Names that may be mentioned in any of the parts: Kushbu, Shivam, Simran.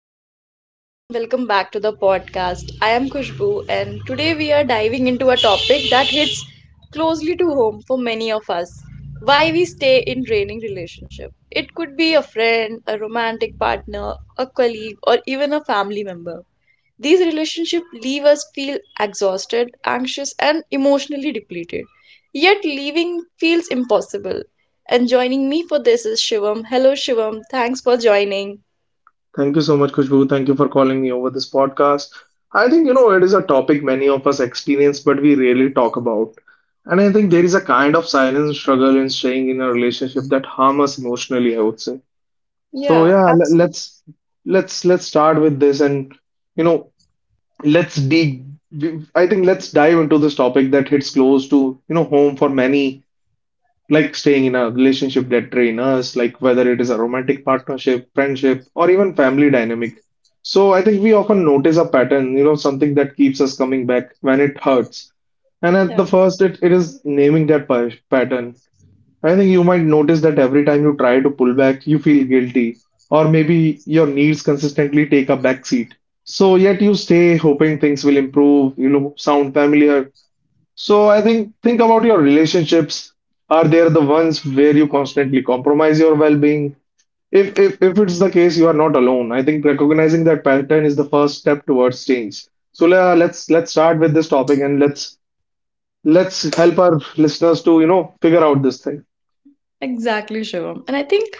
Hello, everyone, and welcome back to the podcast. I am Kushbu, and today we are diving into a topic that hits closely to home for many of us: why we stay in draining relationship. It could be a friend, a romantic partner, a colleague, or even a family member. These relationships leave us feel exhausted, anxious, and emotionally depleted. Yet leaving feels impossible. And joining me for this is Shivam. Hello, Shivam. Thanks for joining. Thank you so much, Kushbu. Thank you for calling me over this podcast. I think, you know, it is a topic many of us experience, but we rarely talk about. And I think there is a kind of silent struggle in staying in a relationship that harm us emotionally, I would say. So Yeah, yeah, le- absolutely. let's let's let's start with this and you know, let's dig I think let's dive into this topic that hits close to, you know, home for many like staying in a relationship that drain us, like whether it is a romantic partnership, friendship, or even family dynamic. So I think we often notice a pattern, you know, something that keeps us coming back when it hurts. And at Yeah, the first, it is naming that pattern. I think you might notice that every time you try to pull back, you feel guilty, or maybe your needs consistently take a back seat. So yet you stay hoping things will improve, you know, sound familiar, so I think about your relationships. Are there the ones where you constantly compromise your well-being? If it's the case, you are not alone. I think recognizing that pattern is the first step towards change. So let's start with this topic and let's help our listeners to, you know, figure out this thing. exactly, Shivam. And I think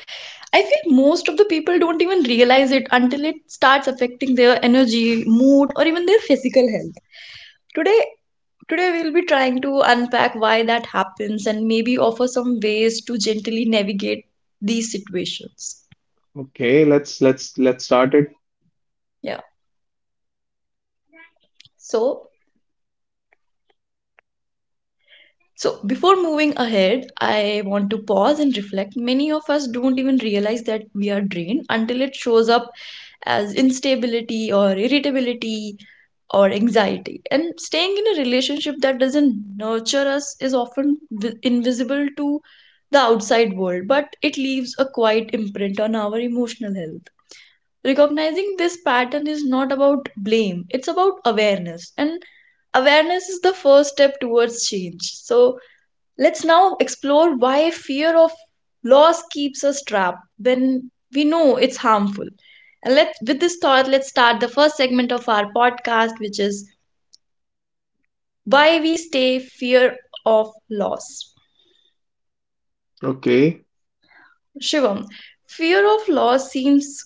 I feel most of the people don't even realize it until it starts affecting their energy, mood, or even their physical health. Today, today we'll be trying to unpack why that happens and maybe offer some ways to gently navigate these situations. Okay, let's start it. Yeah. So So, before moving ahead, I want to pause and reflect. Many of us don't even realize that we are drained until it shows up as instability or irritability or anxiety. And staying in a relationship that doesn't nurture us is often invisible to the outside world, but it leaves a quiet imprint on our emotional health. Recognizing this pattern is not about blame, it's about awareness. And awareness is the first step towards change. So, let's now explore why fear of loss keeps us trapped when we know it's harmful. And let's with this thought, let's start the first segment of our podcast, which is why we stay: fear of loss. Okay. Shivam, fear of loss seems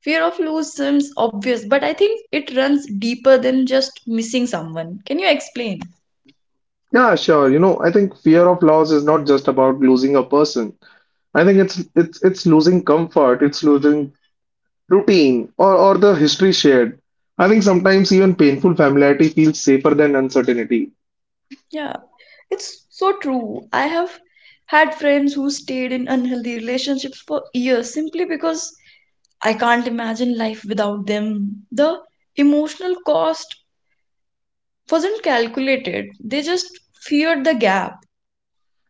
fear of loss seems obvious, but I think it runs deeper than just missing someone. Can you explain? Yeah, sure. You know, I think fear of loss is not just about losing a person. I think it's losing comfort, it's losing routine or the history shared. I think sometimes even painful familiarity feels safer than uncertainty. Yeah, it's so true. I have had friends who stayed in unhealthy relationships for years simply because I can't imagine life without them. The emotional cost wasn't calculated, they just feared the gap.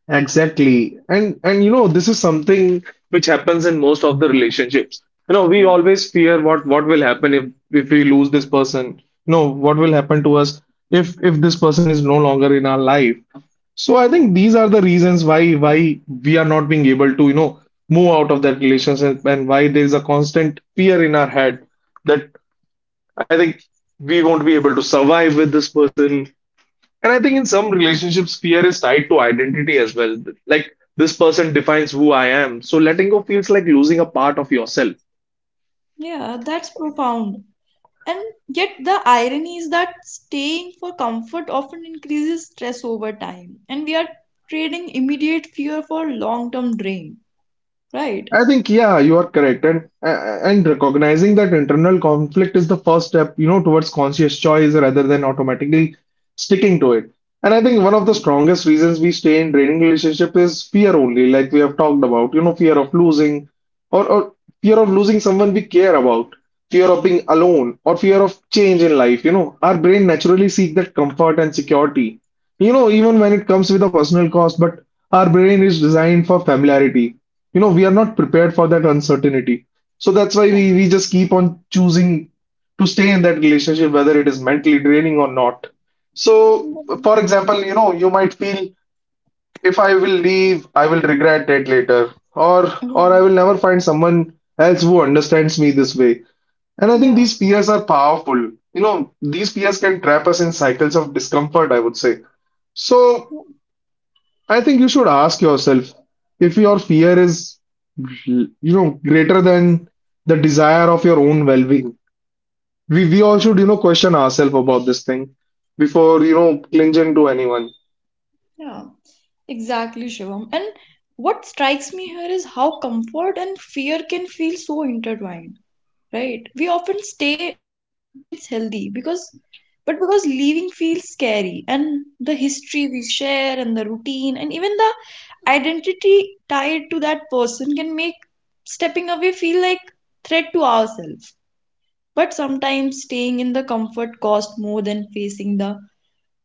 Exactly. And you know, this is something which happens in most of the relationships. You know, we Yeah, always fear what will happen if we lose this person. You know, what will happen to us if this person is no longer in our life. So I yeah, think these are the reasons why we are not being able to, you know, move out of that relationship and why there is a constant fear in our head that I think we won't be able to survive with this person. And I think in some relationships, fear is tied to identity as well. Like, this person defines who I am. So letting go feels like losing a part of yourself. yeah, that's profound. And yet, the irony is that staying for comfort often increases stress over time, and we are trading immediate fear for long-term drain, right? I think, yeah, you are correct. And recognizing that internal conflict is the first step, you know, towards conscious choice rather than automatically sticking to it. And I think one of the strongest reasons we stay in draining relationship is fear only, like we have talked about, you know, fear of losing or fear of losing someone we care about, fear of being alone, or fear of change in life. You know, our brain naturally seek that comfort and security. You know, even when it comes with a personal cost, but our brain is designed for familiarity, you know, we are not prepared for that uncertainty. So that's why Yeah. we just keep on choosing to stay in that relationship whether it is mentally draining or not. So for example, you know, you might feel if I will leave I will regret it later, Yeah. or I will never find someone else who understands me this way. And I think Yeah, these fears are powerful, you know, these fears can trap us in cycles of discomfort, I would say. So yeah, I think you should ask yourself if your fear is, you know, greater than the desire of your own well-being. We all yeah, should, you know, question ourselves about this thing before, you know, clinging to anyone. yeah. Exactly, Shivam. And what strikes me here is how comfort and fear can feel so intertwined, right? We often stay not because it's healthy, because but because leaving feels scary, and the history we share, and the routine, and even the identity tied to that person can make stepping away feel like threat to ourselves. But sometimes staying in the comfort costs more than facing the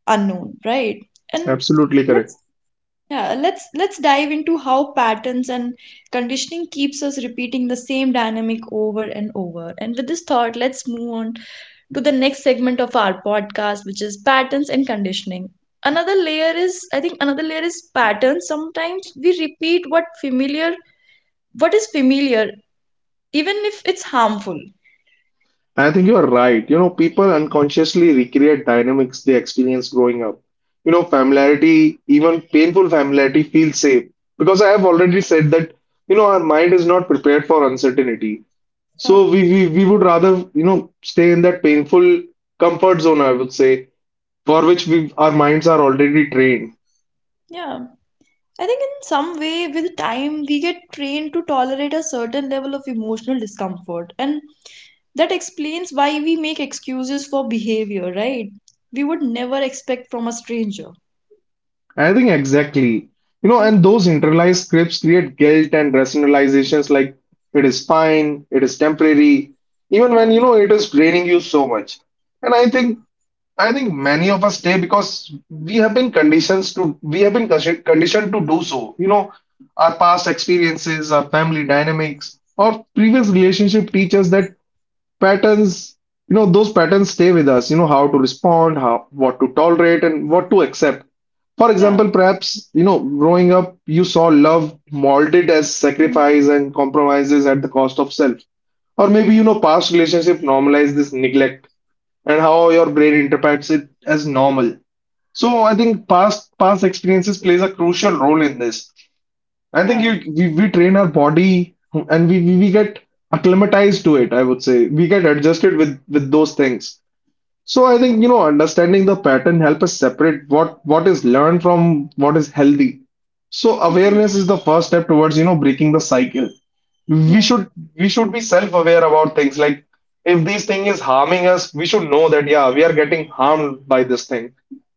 unknown, right? And Absolutely correct. let's yeah let's dive into how patterns and conditioning keeps us repeating the same dynamic over and over. And with this thought, let's move on to the next segment of our podcast, which is patterns and conditioning. Another layer is patterns. Sometimes we repeat what is familiar even if it's harmful. I think you are right. You know, people unconsciously recreate dynamics they experience growing up. You know, familiarity, even painful familiarity, feels safe because I have already said that, you know, our mind is not prepared for uncertainty. yeah So we would rather, you know, stay in that painful comfort zone, I would say, for which we our minds are already trained. yeah I think in some way, with time, we get trained to tolerate a certain level of emotional discomfort. And that explains why we make excuses for behavior, right? We would never expect from a stranger. I think exactly. You know, Yeah, and those internalized scripts create guilt and rationalizations like it is fine, it is temporary, even when yeah, you know it is draining you so much. And I think many of us stay because we have been conditions to, we have been conditioned to do so. You know, our past experiences, our family dynamics, or previous relationship teach us that patterns, you know, those patterns stay with us, you know, how to respond, how what to tolerate and what to accept. For yeah, example, perhaps, you know, growing up you saw love molded as sacrifice and compromises at the cost of self, or maybe, you know, past relationship normalize this neglect and how your brain interprets it as normal. So I think past experiences plays a crucial role in this. I think yeah, you we train our body and we get acclimatized to it, I would say. We get adjusted with those things. So I think, you know, understanding the pattern help us separate what is learned from what is healthy. So awareness exactly. is the first step towards, you know, breaking the cycle. we Yeah, should we should be self-aware about things, like if this thing is harming us, we should know that yeah, we are getting harmed by this thing.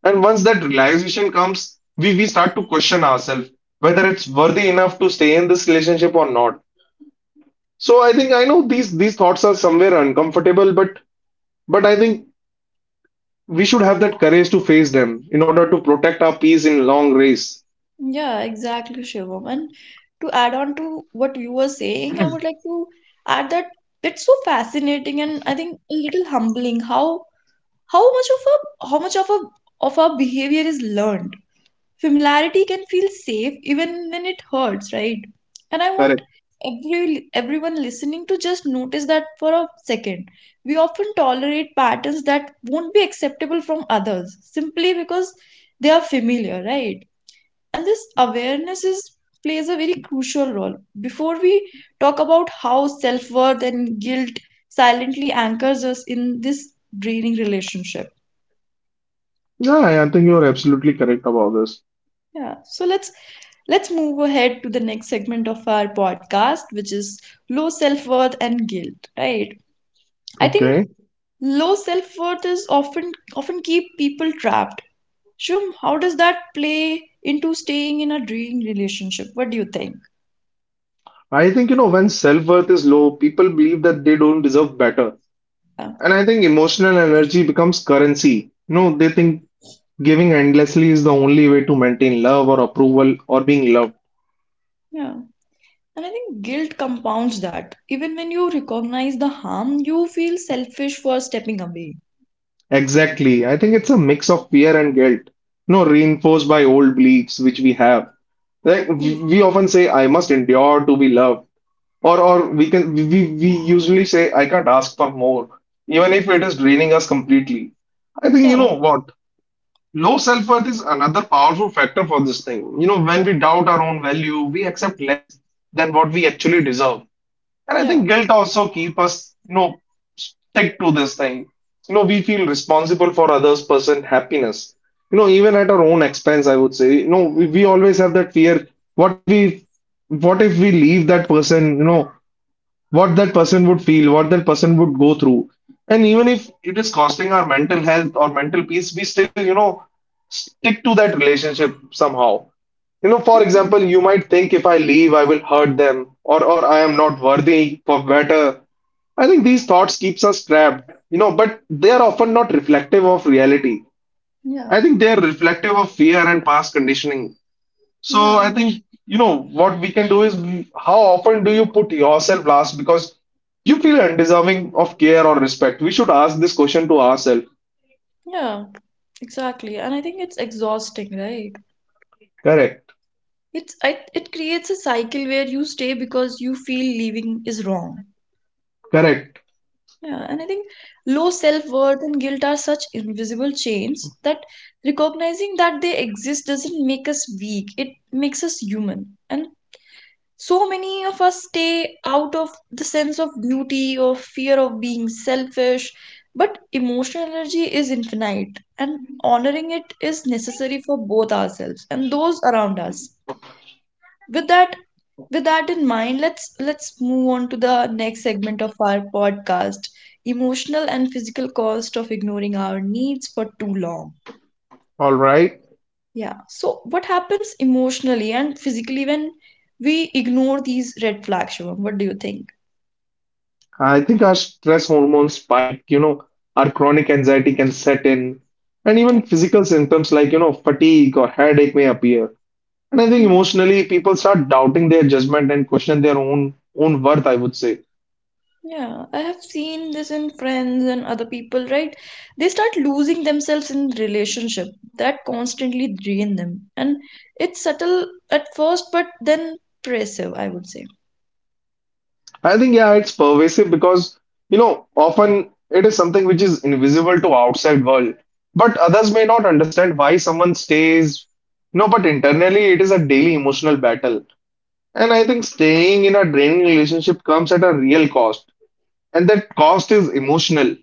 And once that realization comes, we start to question ourselves whether it's worthy enough to stay in this relationship or not. So I know these thoughts are somewhere uncomfortable, but I think we should have that courage to face them in order to protect our peace in long race. yeah, exactly, Shivam. And to add on to what you were saying, I would like to add that it's so fascinating and I think a little humbling how much of a how much of a of our behavior is learned. Familiarity can feel safe even when it hurts, right? And I want Correct. every everyone listening to just notice that for a second. We often tolerate patterns that won't be acceptable from others simply because they are familiar, right? And this awareness is plays a very crucial role before we talk about how self-worth and guilt silently anchors us in this draining relationship. Yeah, I think you're absolutely correct about this. Yeah, so let's move ahead to the next segment of our podcast, which is low self-worth and guilt, right? I think Okay, low self-worth is often keep people trapped. Shum, how does that play into staying in a dream relationship? What do you think? I think, you know, when self-worth is low, people believe that they don't deserve better. Yeah. And I think emotional energy becomes currency. You know, they think giving endlessly is the only way to maintain love or approval or being loved. Yeah. And I think guilt compounds that. Even when you recognize the harm, you feel selfish for stepping away. Exactly. I think it's a mix of fear and guilt, you know, reinforced by old beliefs which we have. Like Hmm. we often say, I must endure to be loved. Or we can we usually say I can't ask for more, even if it is draining us completely. I think you Yeah, know what? Low self-worth is another powerful factor for this thing. You know, when we doubt our own value, we accept less than what we actually deserve. And I yeah. think guilt also keep us, you know, stick to this thing. You know, we feel responsible for others' person happiness, you know, even at our own expense, I would say. You know, we always have that fear. What if we, what if we leave that person? You know, what that person would feel, what that person would go through. And even if it is costing our mental health or mental peace, we still, you know, stick to that relationship somehow. You know, for Mm. example, you might think if I leave, I will hurt them, or I am not worthy for better. I think these thoughts keeps us trapped, you know, but they are often not reflective of reality. Yeah, I think they are reflective of fear and past conditioning. So yeah, I think you know what we can do is how often do you put yourself last because you feel undeserving of care or respect? We should ask this question to ourselves. yeah. Exactly, and I think it's exhausting, right? Correct, It creates a cycle where you stay because you feel leaving is wrong. correct. Yeah, and I think low self-worth and guilt are such invisible chains that recognizing that they exist doesn't make us weak. It makes us human. And so many of us stay out of the sense of beauty or fear of being selfish, but emotional energy is infinite, and honoring it is necessary for both ourselves and those around us. with that with that in mind, let's move on to the next segment of our podcast: emotional and physical cost of ignoring our needs for too long. All right. Yeah, so what happens emotionally and physically when we ignore these red flags, Shivam? What do you think? I think our stress hormones spike, you know, our chronic anxiety can set in, and even yeah physical symptoms like, you know, fatigue or headache may appear. And I think yeah emotionally, people start doubting their judgment and question their own worth, I would say. yeah, I have seen this in friends and other people, right? They start losing themselves in relationship that constantly drain them. And it's subtle at first, but then impressive, I would say. I think, yeah, it's pervasive because, you know, often it is something which is invisible to outside world, but others may not understand why someone stays. No, but internally it is a daily emotional battle. And I think staying in a draining relationship comes at a real cost, and that cost is emotional,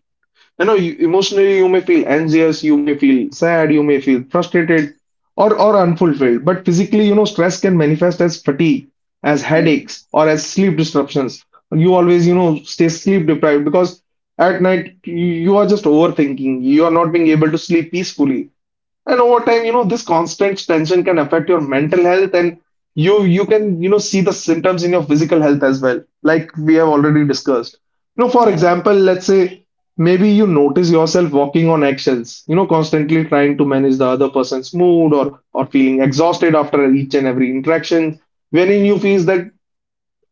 emotionally you may feel anxious, you may feel sad, you may feel frustrated or unfulfilled. But physically, stress can manifest as fatigue, as Yeah, headaches, or as sleep disruptions. You always stay sleep deprived because at night you are just overthinking, you are not being able to sleep peacefully. And over time, this constant tension can affect your mental health, and you can see the symptoms in your physical health as well, like we have already discussed. For yeah, example, let's say maybe you notice yourself walking on eggshells, constantly trying to manage the other person's mood, or feeling exhausted after each and every interaction, wherein you feel that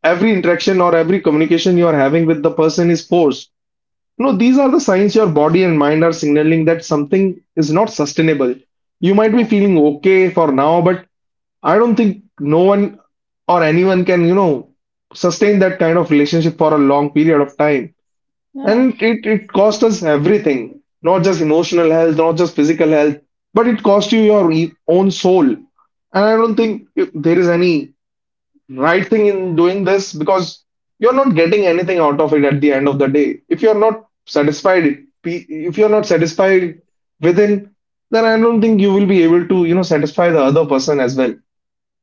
every interaction or every communication you are having with the person is forced. No, these are the signs your body and mind are signaling that something is not sustainable. You might be yeah, feeling okay for now, but I don't think no one or anyone can, sustain that kind of relationship for a long period of time. yeah, And it costs us everything, not just emotional health, not just physical health, but it costs you your own soul. And I don't think there is any right thing in doing this, because you're not getting anything out of it at the end of the day. If you're not satisfied within, then I don't think you will be able to, satisfy the other person as well.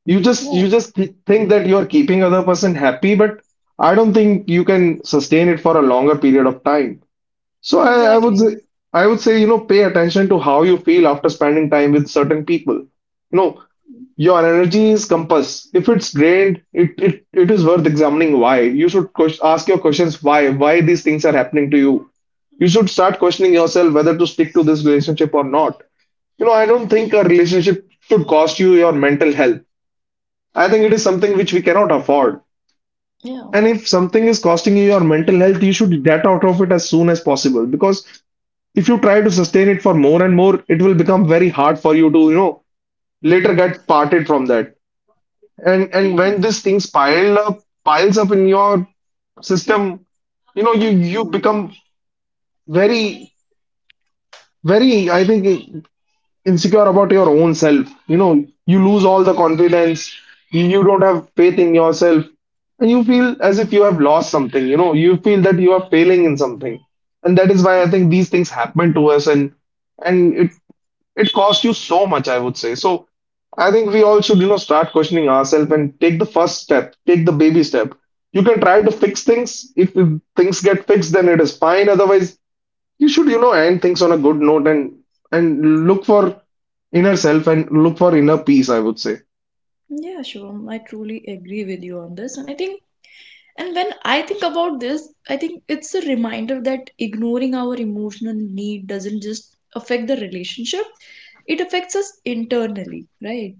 You just yeah, you just th- think that you're keeping other person happy, but I don't think you can sustain it for a longer period of time. So exactly. I would say, you know, pay attention to how you feel after spending time with certain people. Your energy is compass. If it's drained, it is worth examining why. You should ask your questions why these things are happening to you. You should start questioning yourself whether to stick to this relationship or not. I don't think a relationship should cost you your mental health. I think it is something which we cannot afford. Yeah. And if something is costing you your mental health, you should get out of it as soon as possible, because if you try to sustain it for more and more, it will become very hard for you to, later get parted from that. And Yeah, when these things piles up in your system, you become very, very, I think, insecure about your own self. You lose all the confidence, you don't have faith in yourself, and you feel as if you have lost something, you feel that you are failing in something. And that is why I think these things happen to us, and it costs you so much, I would say. So I think we all should, start questioning ourselves and take the first step, take the baby step. You can try to fix things. If things get fixed, then it is fine. Otherwise, you should, end things on a good note and look for inner self and look for inner peace, I would say. Yeah, Shivam, I truly agree with you on this. And when I think about this, I think it's a reminder that ignoring our emotional need doesn't just affect the relationship, it affects us internally, right?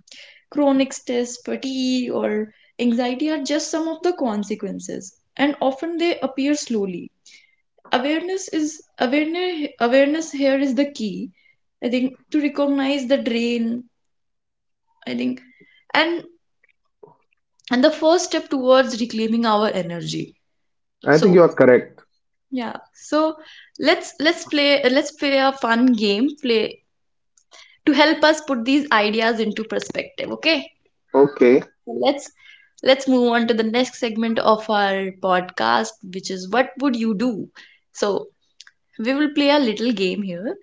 Chronic stress, fatigue, or anxiety are just some of the consequences, and often they appear slowly. Awareness here is the key, I think, to recognize the drain, I think, and the first step towards reclaiming our energy. I think So you are correct. yeah, so let's play a fun game play to help us put these ideas into perspective, okay? Okay. So let's move on to the next segment of our podcast, which is what would you do. So we will play a little game here: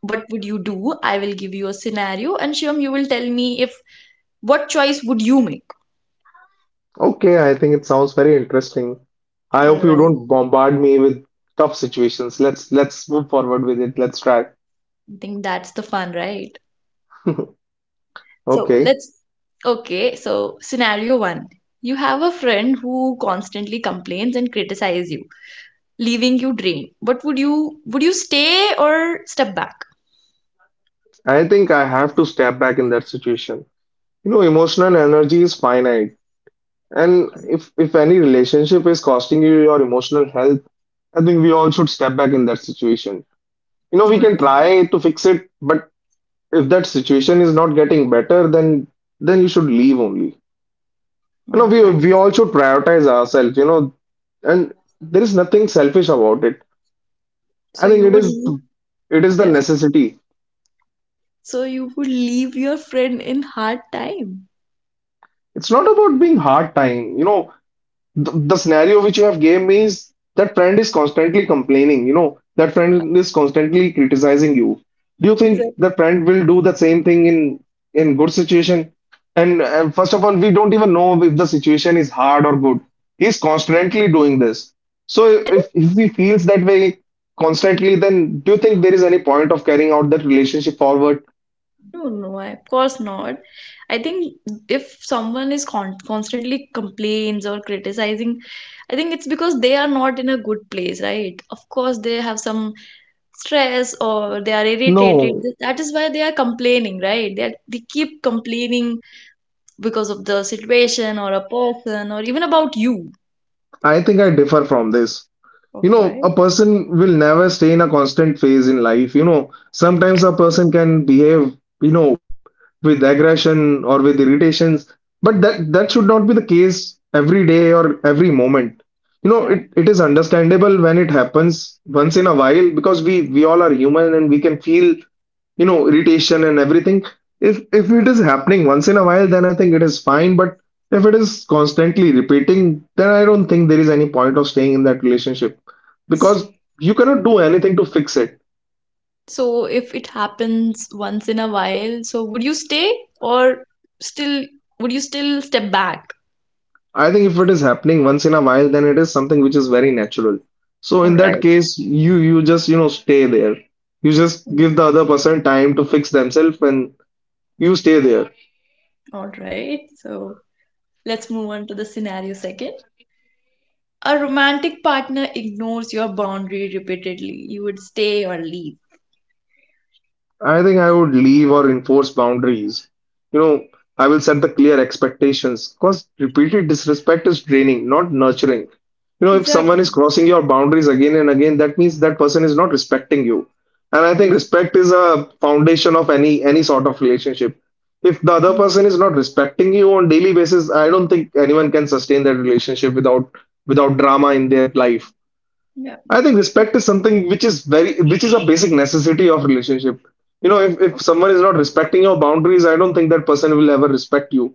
what would you do? I will give you a scenario, and Shivam, you will tell me if what choice would you make. Okay, I think it sounds very interesting. I All hope you right. don't bombard me with tough situations. Let's move forward with it. Let's try. I think that's the fun, right? So Okay. let's. Okay, so scenario one. You have a friend who constantly complains and criticizes you, leaving you drained. What would you stay or step back? I think I have to step back in that situation. You know, emotional energy is finite. And Okay. if any relationship is costing you your emotional health, I think we all should step back in that situation. You know, we All can right. try to fix it, but if that situation is not getting better, then you should leave only. You know, All we right. we all should prioritize ourselves, you know, and there is nothing selfish about it. So I think you it would is leave. it is the Yeah. necessity. So you would leave your friend in hard time. It's not about being hard time. The scenario which you have gave me is that friend is constantly complaining, that friend is constantly criticizing you. Do you think Exactly. that friend will do the same thing in good situation? And, first of all, we don't even know if the situation is hard or good. He's constantly doing this. So I think. if he feels that way constantly, then do you think there is any point of carrying out that relationship forward? No, no, of course not. I think if someone is constantly complains or criticizing, I think it's because they are not in a good place, right? Of course, they have some stress or they are irritated. No, That is why they are complaining, right? They keep complaining because of the situation or a person or even about you, I think I differ from this. you okay, know right? a person will never stay in a constant phase in life, you know, sometimes a person can behave, you know, with aggression or with irritations, but that should not be the case every day or every moment. you know Yeah. it, it is understandable when it happens once in a while, because we all are human and we can feel irritation and everything. If it is happening once in a while, then I think it is fine. But if it is constantly repeating, then I don't think there is any point of staying in that relationship, S- because you cannot do anything to fix it. So if it happens once in a while, so would you stay or still would you still step back? I think if it is happening once in a while, then it is something which is very natural. So All in that right. case, you just stay there. You just Mm. give the other person time to fix themselves, and you stay there. All right, so let's move on to the scenario second. A romantic partner ignores your boundary repeatedly. You would stay or leave. I think I would leave or enforce boundaries. You know, I will set the clear expectations, because repeated disrespect is draining, not nurturing. If someone Exactly. is crossing your boundaries again and again, that means that person is not respecting you. And I think Yeah. respect is a foundation of any sort of relationship. If the other Mm. person is not respecting you on daily basis, I don't think anyone can sustain that relationship without drama in their life. Yeah. I think respect is something which is a basic necessity of relationship. If someone is not respecting your boundaries, I don't think that person will ever respect you.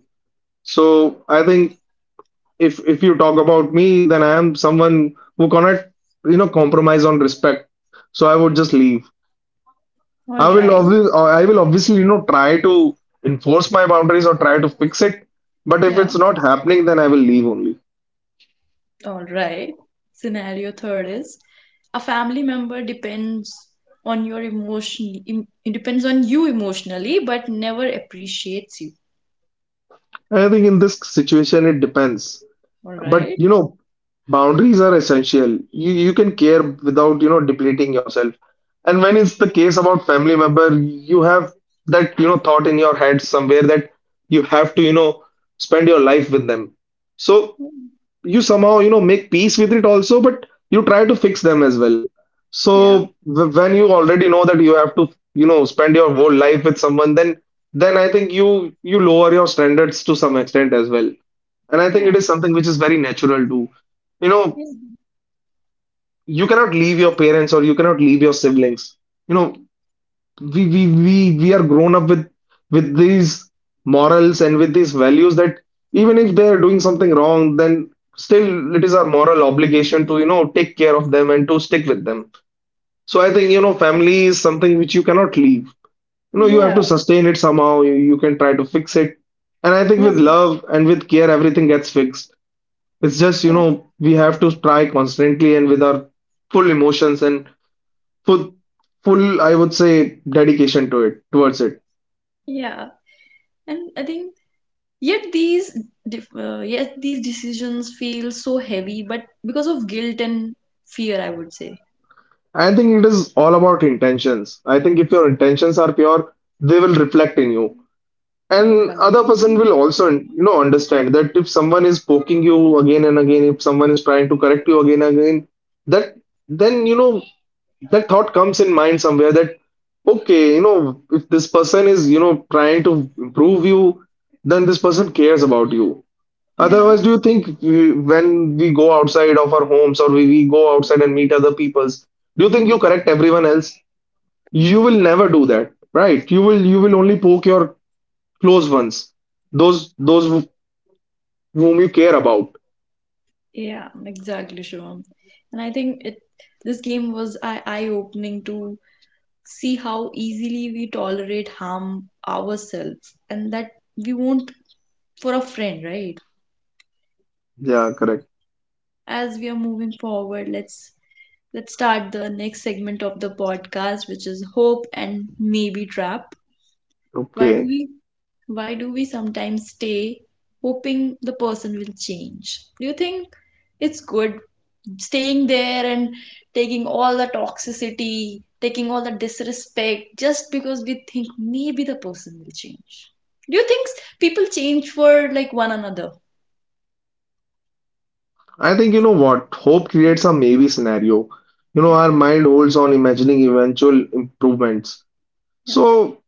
So I think if you talk about me, then I am someone who cannot, compromise on respect. So I would just leave. All I will right. obviously, I will obviously, you know, try to enforce my boundaries or try to fix it. But if Yeah. it's not happening, then I will leave only. All right. Scenario third is a family member depends on your emotion, it depends on you emotionally, but never appreciates you. I think in this situation, it depends. All But right. Boundaries are essential. You can care without, depleting yourself. And when it's the case about family member, you have that, thought in your head somewhere that you have to, spend your life with them. So Mm. you somehow make peace with it also, but you try to fix them as well. Yeah. So when you already know that you have to spend your whole life with someone, then I think you lower your standards to some extent as well. And I think Yeah. it is something which is very natural too. you know Yeah. you cannot leave your parents, or you cannot leave your siblings. You know we we we we are grown up with these morals and with these values, that even if they are doing something wrong, then still it is our moral obligation to take care of them and to stick with them. So I think family is something which you cannot leave. You have to sustain it somehow. You can try to fix it, and I think with love and with care, everything gets fixed. It's just we have to try constantly, and with our full emotions and full full, I would say, dedication to it towards it. Yeah. And I think yet these yet these decisions feel so heavy, but because of guilt and fear, I would say. I think it is all about intentions. I think if your intentions are pure, they will reflect in you. All And right. other person will also, understand that if someone is poking you again and again, if someone is trying to correct you again and again, that then, that thought comes in mind somewhere that, okay, if this person is, trying to improve you, then this person cares about you. Yeah, Otherwise, do you think when we go outside of our homes, or we go outside and meet other peoples, do you think you correct everyone else? You will never do that, right? You will only poke your close ones, those whom you care about. yeah, exactly, Shivam. And I think it this game was eye opening to see how easily we tolerate harm ourselves and that we won't for a friend, right? Yeah, correct. As we are moving forward, let's start the next segment of the podcast, which is hope and maybe trap. Why do Okay. we why do we sometimes stay hoping the person will change? Do you think it's good staying there and taking all the toxicity, taking all the disrespect just because we think maybe the person will change? Do you think people change for like one another? I think, you know what? Hope creates a maybe scenario. You know, Yeah, our mind holds on imagining eventual improvements. yeah, So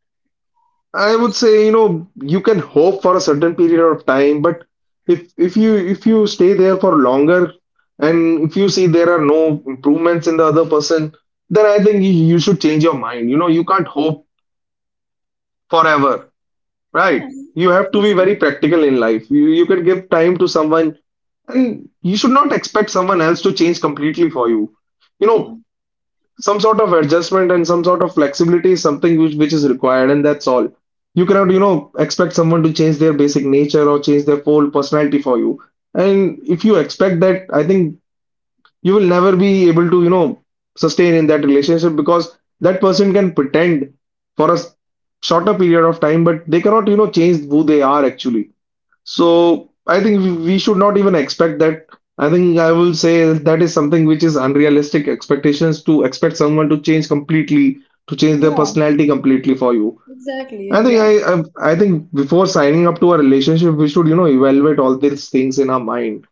I would say, you know, you can hope for a certain period of time, but if you stay there for longer and if you see there are no improvements in the other person, then I think you should change your mind. You know, you can't hope forever, right? yeah. You have to be It's- very practical in life. You can give time to someone. And you should not expect someone else to change completely for you. You Yeah, know, some sort of adjustment and some sort of flexibility is something which is required, and that's all. You cannot, you know, expect someone to change their basic nature or change their whole personality for you. And if you expect that, I think you will never be able to, you know, sustain in that relationship because that person can pretend for a shorter period of time, but they cannot, you know, change who they are actually. So I think we should not even expect that. I think I will say that is something which is unrealistic expectations, to expect someone to change completely, to change their yeah, personality completely for you. exactly, I think I exactly. I, I think before signing up to a relationship, we should, you know, evaluate all these things in our mind.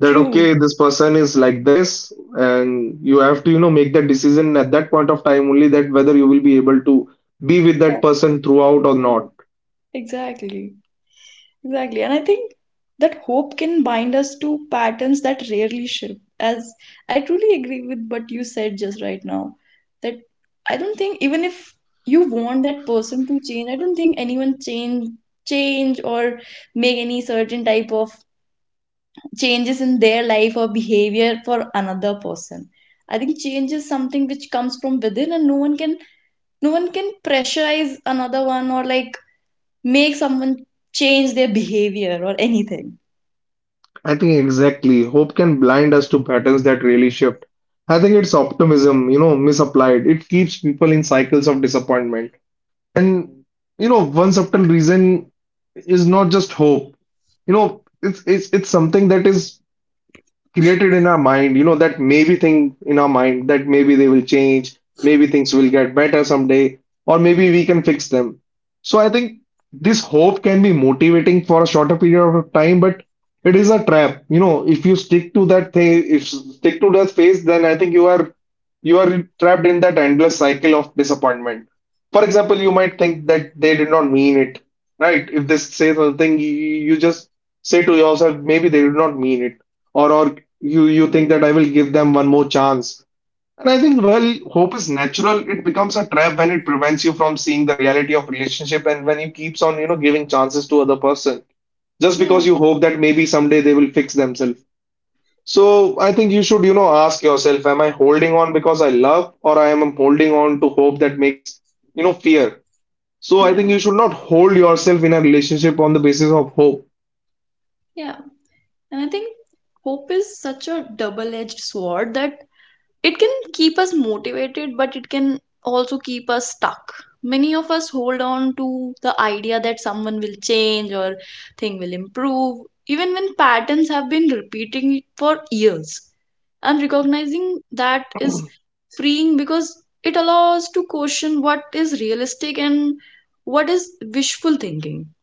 That True. okay, this person is like this, and you have to, you know, make that decision at that point of time only, that whether you will be able to be with Yeah, that person throughout or yeah, not. exactly. Exactly. And I think that hope can bind us to patterns that rarely shift. As I truly agree with what you said just right now, that I don't think even if you want that person to change, I don't think anyone change or make any certain type of changes in their life or behavior for another person. I think change is something which comes from within and no one can pressurize another one or like make someone change their behavior or anything. I think exactly. Hope can blind us to patterns that really shift. I think it's optimism, you know, misapplied. It keeps people in cycles of disappointment. And, you know, one subtle reason is not just hope. You know, it's something that is created in our mind, you know, that maybe thing in our mind, that maybe they will change, maybe things will get better someday, or maybe we can fix them. So I think this hope can be motivating for a shorter period of time, but it is a trap. You know, if you stick to that thing, if you stick to that phase, then I think you are trapped in that endless cycle of disappointment. For example, you might think that they did not mean it, right? If they say something, you just say to yourself, maybe they did not mean it, or or you think that I will give them one more chance. And I think, well, hope is natural. It becomes a trap when it prevents you from seeing the reality of relationship and when you keeps on, you know, giving chances to other person just Yeah, because you hope that maybe someday they will fix themselves. So I think you should, you know, ask yourself, am I holding on because I love, or I am holding on to hope that makes, you know, fear. So I yeah, think you should not hold yourself in a relationship on the basis of hope. yeah. And I think hope is such a double-edged sword that it can keep us motivated, but it can also keep us stuck. Many of us hold on to the idea that someone will change or thing will improve, even when patterns have been repeating for years. And recognizing that is freeing because it allows to question what is realistic and what is wishful thinking.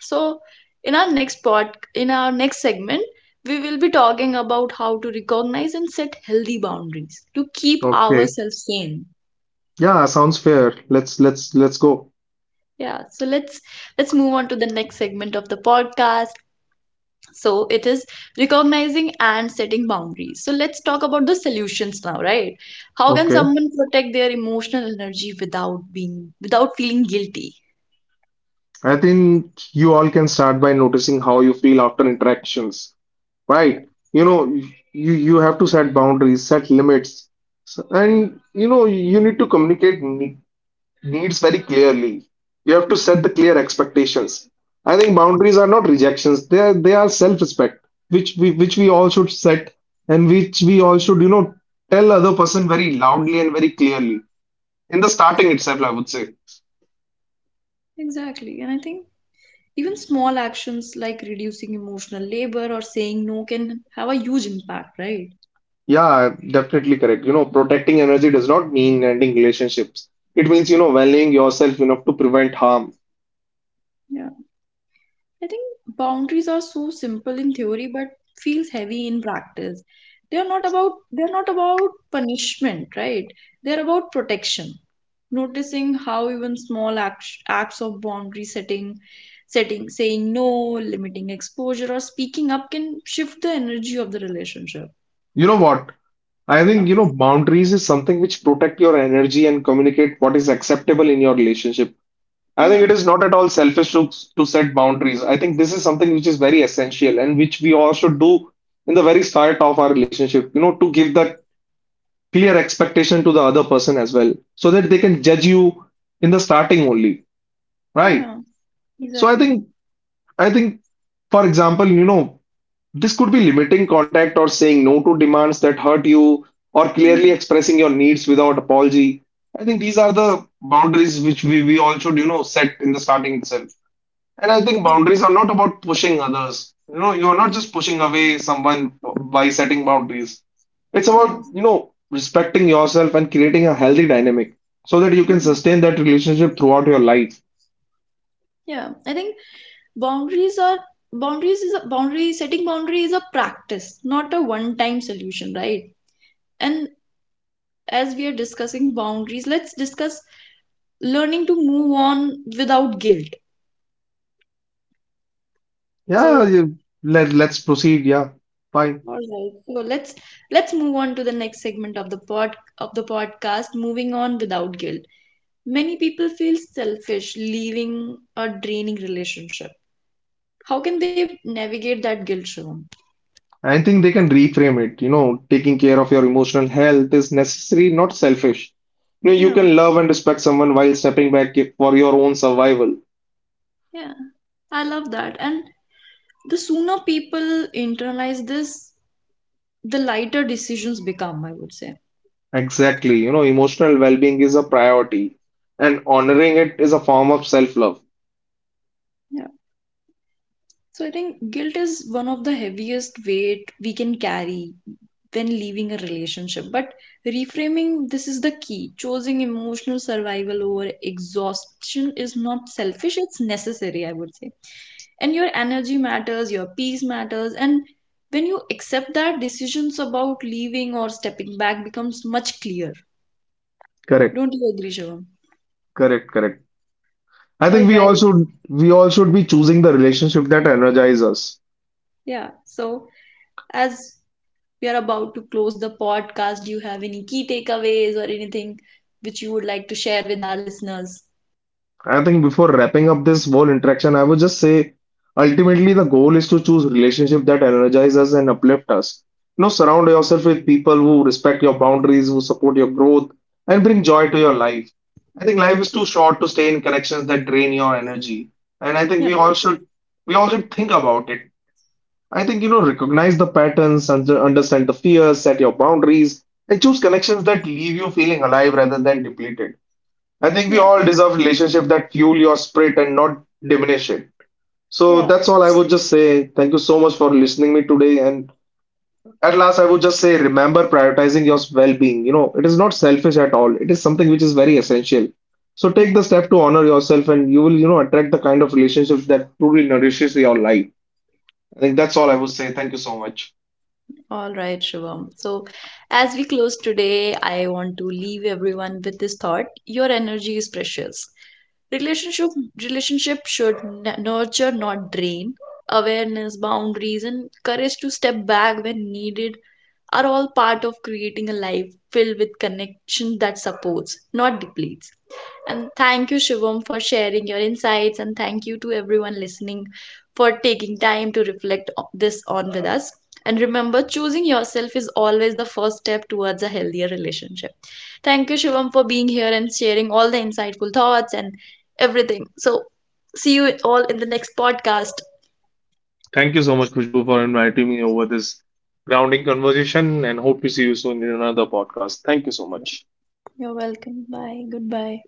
So, in our next part, in our next segment, we will be talking about how to recognize and set healthy boundaries to keep Okay. ourselves sane. Yeah, sounds fair. Let's go. Yeah, so let's move on to the next segment of the podcast. So it is recognizing and setting boundaries. So let's talk about the solutions now, right? How can Okay. someone protect their emotional energy without being without feeling guilty? I think you all can start by noticing how you feel after interactions, Yeah, right? You know, you have to set boundaries, set limits, so, and you know you need to communicate needs very clearly. You have to set the clear expectations. I think boundaries are not rejections; they are self-respect, which we all should set and which we all should, you know, tell other person very loudly and very clearly in the starting itself, I would say. exactly. And I think even small actions like reducing emotional labor or saying no can have a huge impact, right? Yeah, definitely correct. You know, protecting energy does not mean ending relationships. It means, you know, valuing yourself enough to prevent harm. Yeah. I think boundaries are so simple in theory but feels heavy in practice. They are not about punishment, right? They are about protection. Noticing how even small acts, acts of boundary setting, saying no, limiting exposure or speaking up can shift the energy of the relationship. You know what? I Yeah. think, you know, boundaries is something which protect your energy and communicate what is acceptable in your relationship. I think Yeah. it is not at all selfish to set boundaries. I think this is something which is very essential and which we all should do in the very start of our relationship, you know, to give that clear expectation to the other person as well, so that they can judge you in the starting only, right? Yeah. So I Exactly. think I think, for example, you know, this could be limiting contact or saying no to demands that hurt you, or Yeah. clearly expressing your needs without apology. I think these are the boundaries which we all should, you know, set in the starting itself. And I think boundaries are not about pushing others. You know, you are not just pushing away someone by setting boundaries. It's Yeah. about, you know, respecting yourself and creating a healthy dynamic so that you can Mm. sustain that relationship throughout your life. Yeah. I think boundaries are boundaries is a boundary setting boundary is a practice, not a one time solution, right? And as we are discussing boundaries, let's discuss learning to move on without guilt. Yeah, So let's proceed. Yeah, fine. all right. So let's move on to the next segment of the podcast, moving on without guilt. Many people feel selfish leaving a draining relationship. How can they navigate that guilt, Shivam? I think they can reframe it. You know, taking care of your emotional health is necessary, not selfish. You know, you Yeah. can love and respect someone while stepping back for your own survival. Yeah. I love that. And the sooner people internalize this, the lighter decisions become, I would say. Exactly. You know, emotional well-being is a priority, and honoring it is a form of self-love. Yeah. So I think guilt is one of the heaviest weight we can carry when leaving a relationship. But reframing this is the key. Choosing emotional survival over exhaustion is not selfish, it's necessary, I would say. And your energy matters, your peace matters, and when you accept that decisions about leaving or stepping back becomes much clearer. Correct, Don't you agree, Shivam? correct, correct. I All think we all right. should. We all should be choosing the relationship that energize us. Yeah. So, as we are about to close the podcast, do you have any key takeaways or anything which you would like to share with our listeners? I think before wrapping up this whole interaction, I would just say ultimately the goal is to choose relationship that energize us and uplift us. You know, surround yourself with people who respect your boundaries, who support your growth, and bring joy to your life. I think life is too short to stay in connections that drain your energy. And I think Yeah. we all should think about it. I think, you know, recognize the patterns, understand the fears, set your boundaries, and choose connections that leave you feeling alive rather than depleted. I think we Yeah, all deserve relationship that fuel your spirit and not diminish it. So yeah, that's all I would just say. Thank you so much for listening me today. And at last, I would just say, remember prioritizing your well-being. You know, it is not selfish at all. It is something which is very essential. So take yeah. the step to honor yourself, and you will, you know, attract the kind of relationships that truly nourishes your life. I think that's all I would say. Thank you so much. All right, Shivam. So, as we close today, I want to leave everyone with this thought. Your energy is precious. Relationship relationship should nurture, not drain. Awareness, boundaries, and courage to step back when needed are all part of creating a life filled with connection that supports, not depletes. And thank you, Shivam, for sharing your insights, and thank you to everyone listening for taking time to reflect this on with us. And remember, choosing yourself is always the first step towards a healthier relationship. Thank you, Shivam, for being here and sharing all the insightful thoughts and everything. So, see you all in the next podcast. Thank you so much, Kushbu, for inviting me over this grounding conversation, and hope to see you soon in another podcast. Thank you so much. You're welcome. Bye. Goodbye.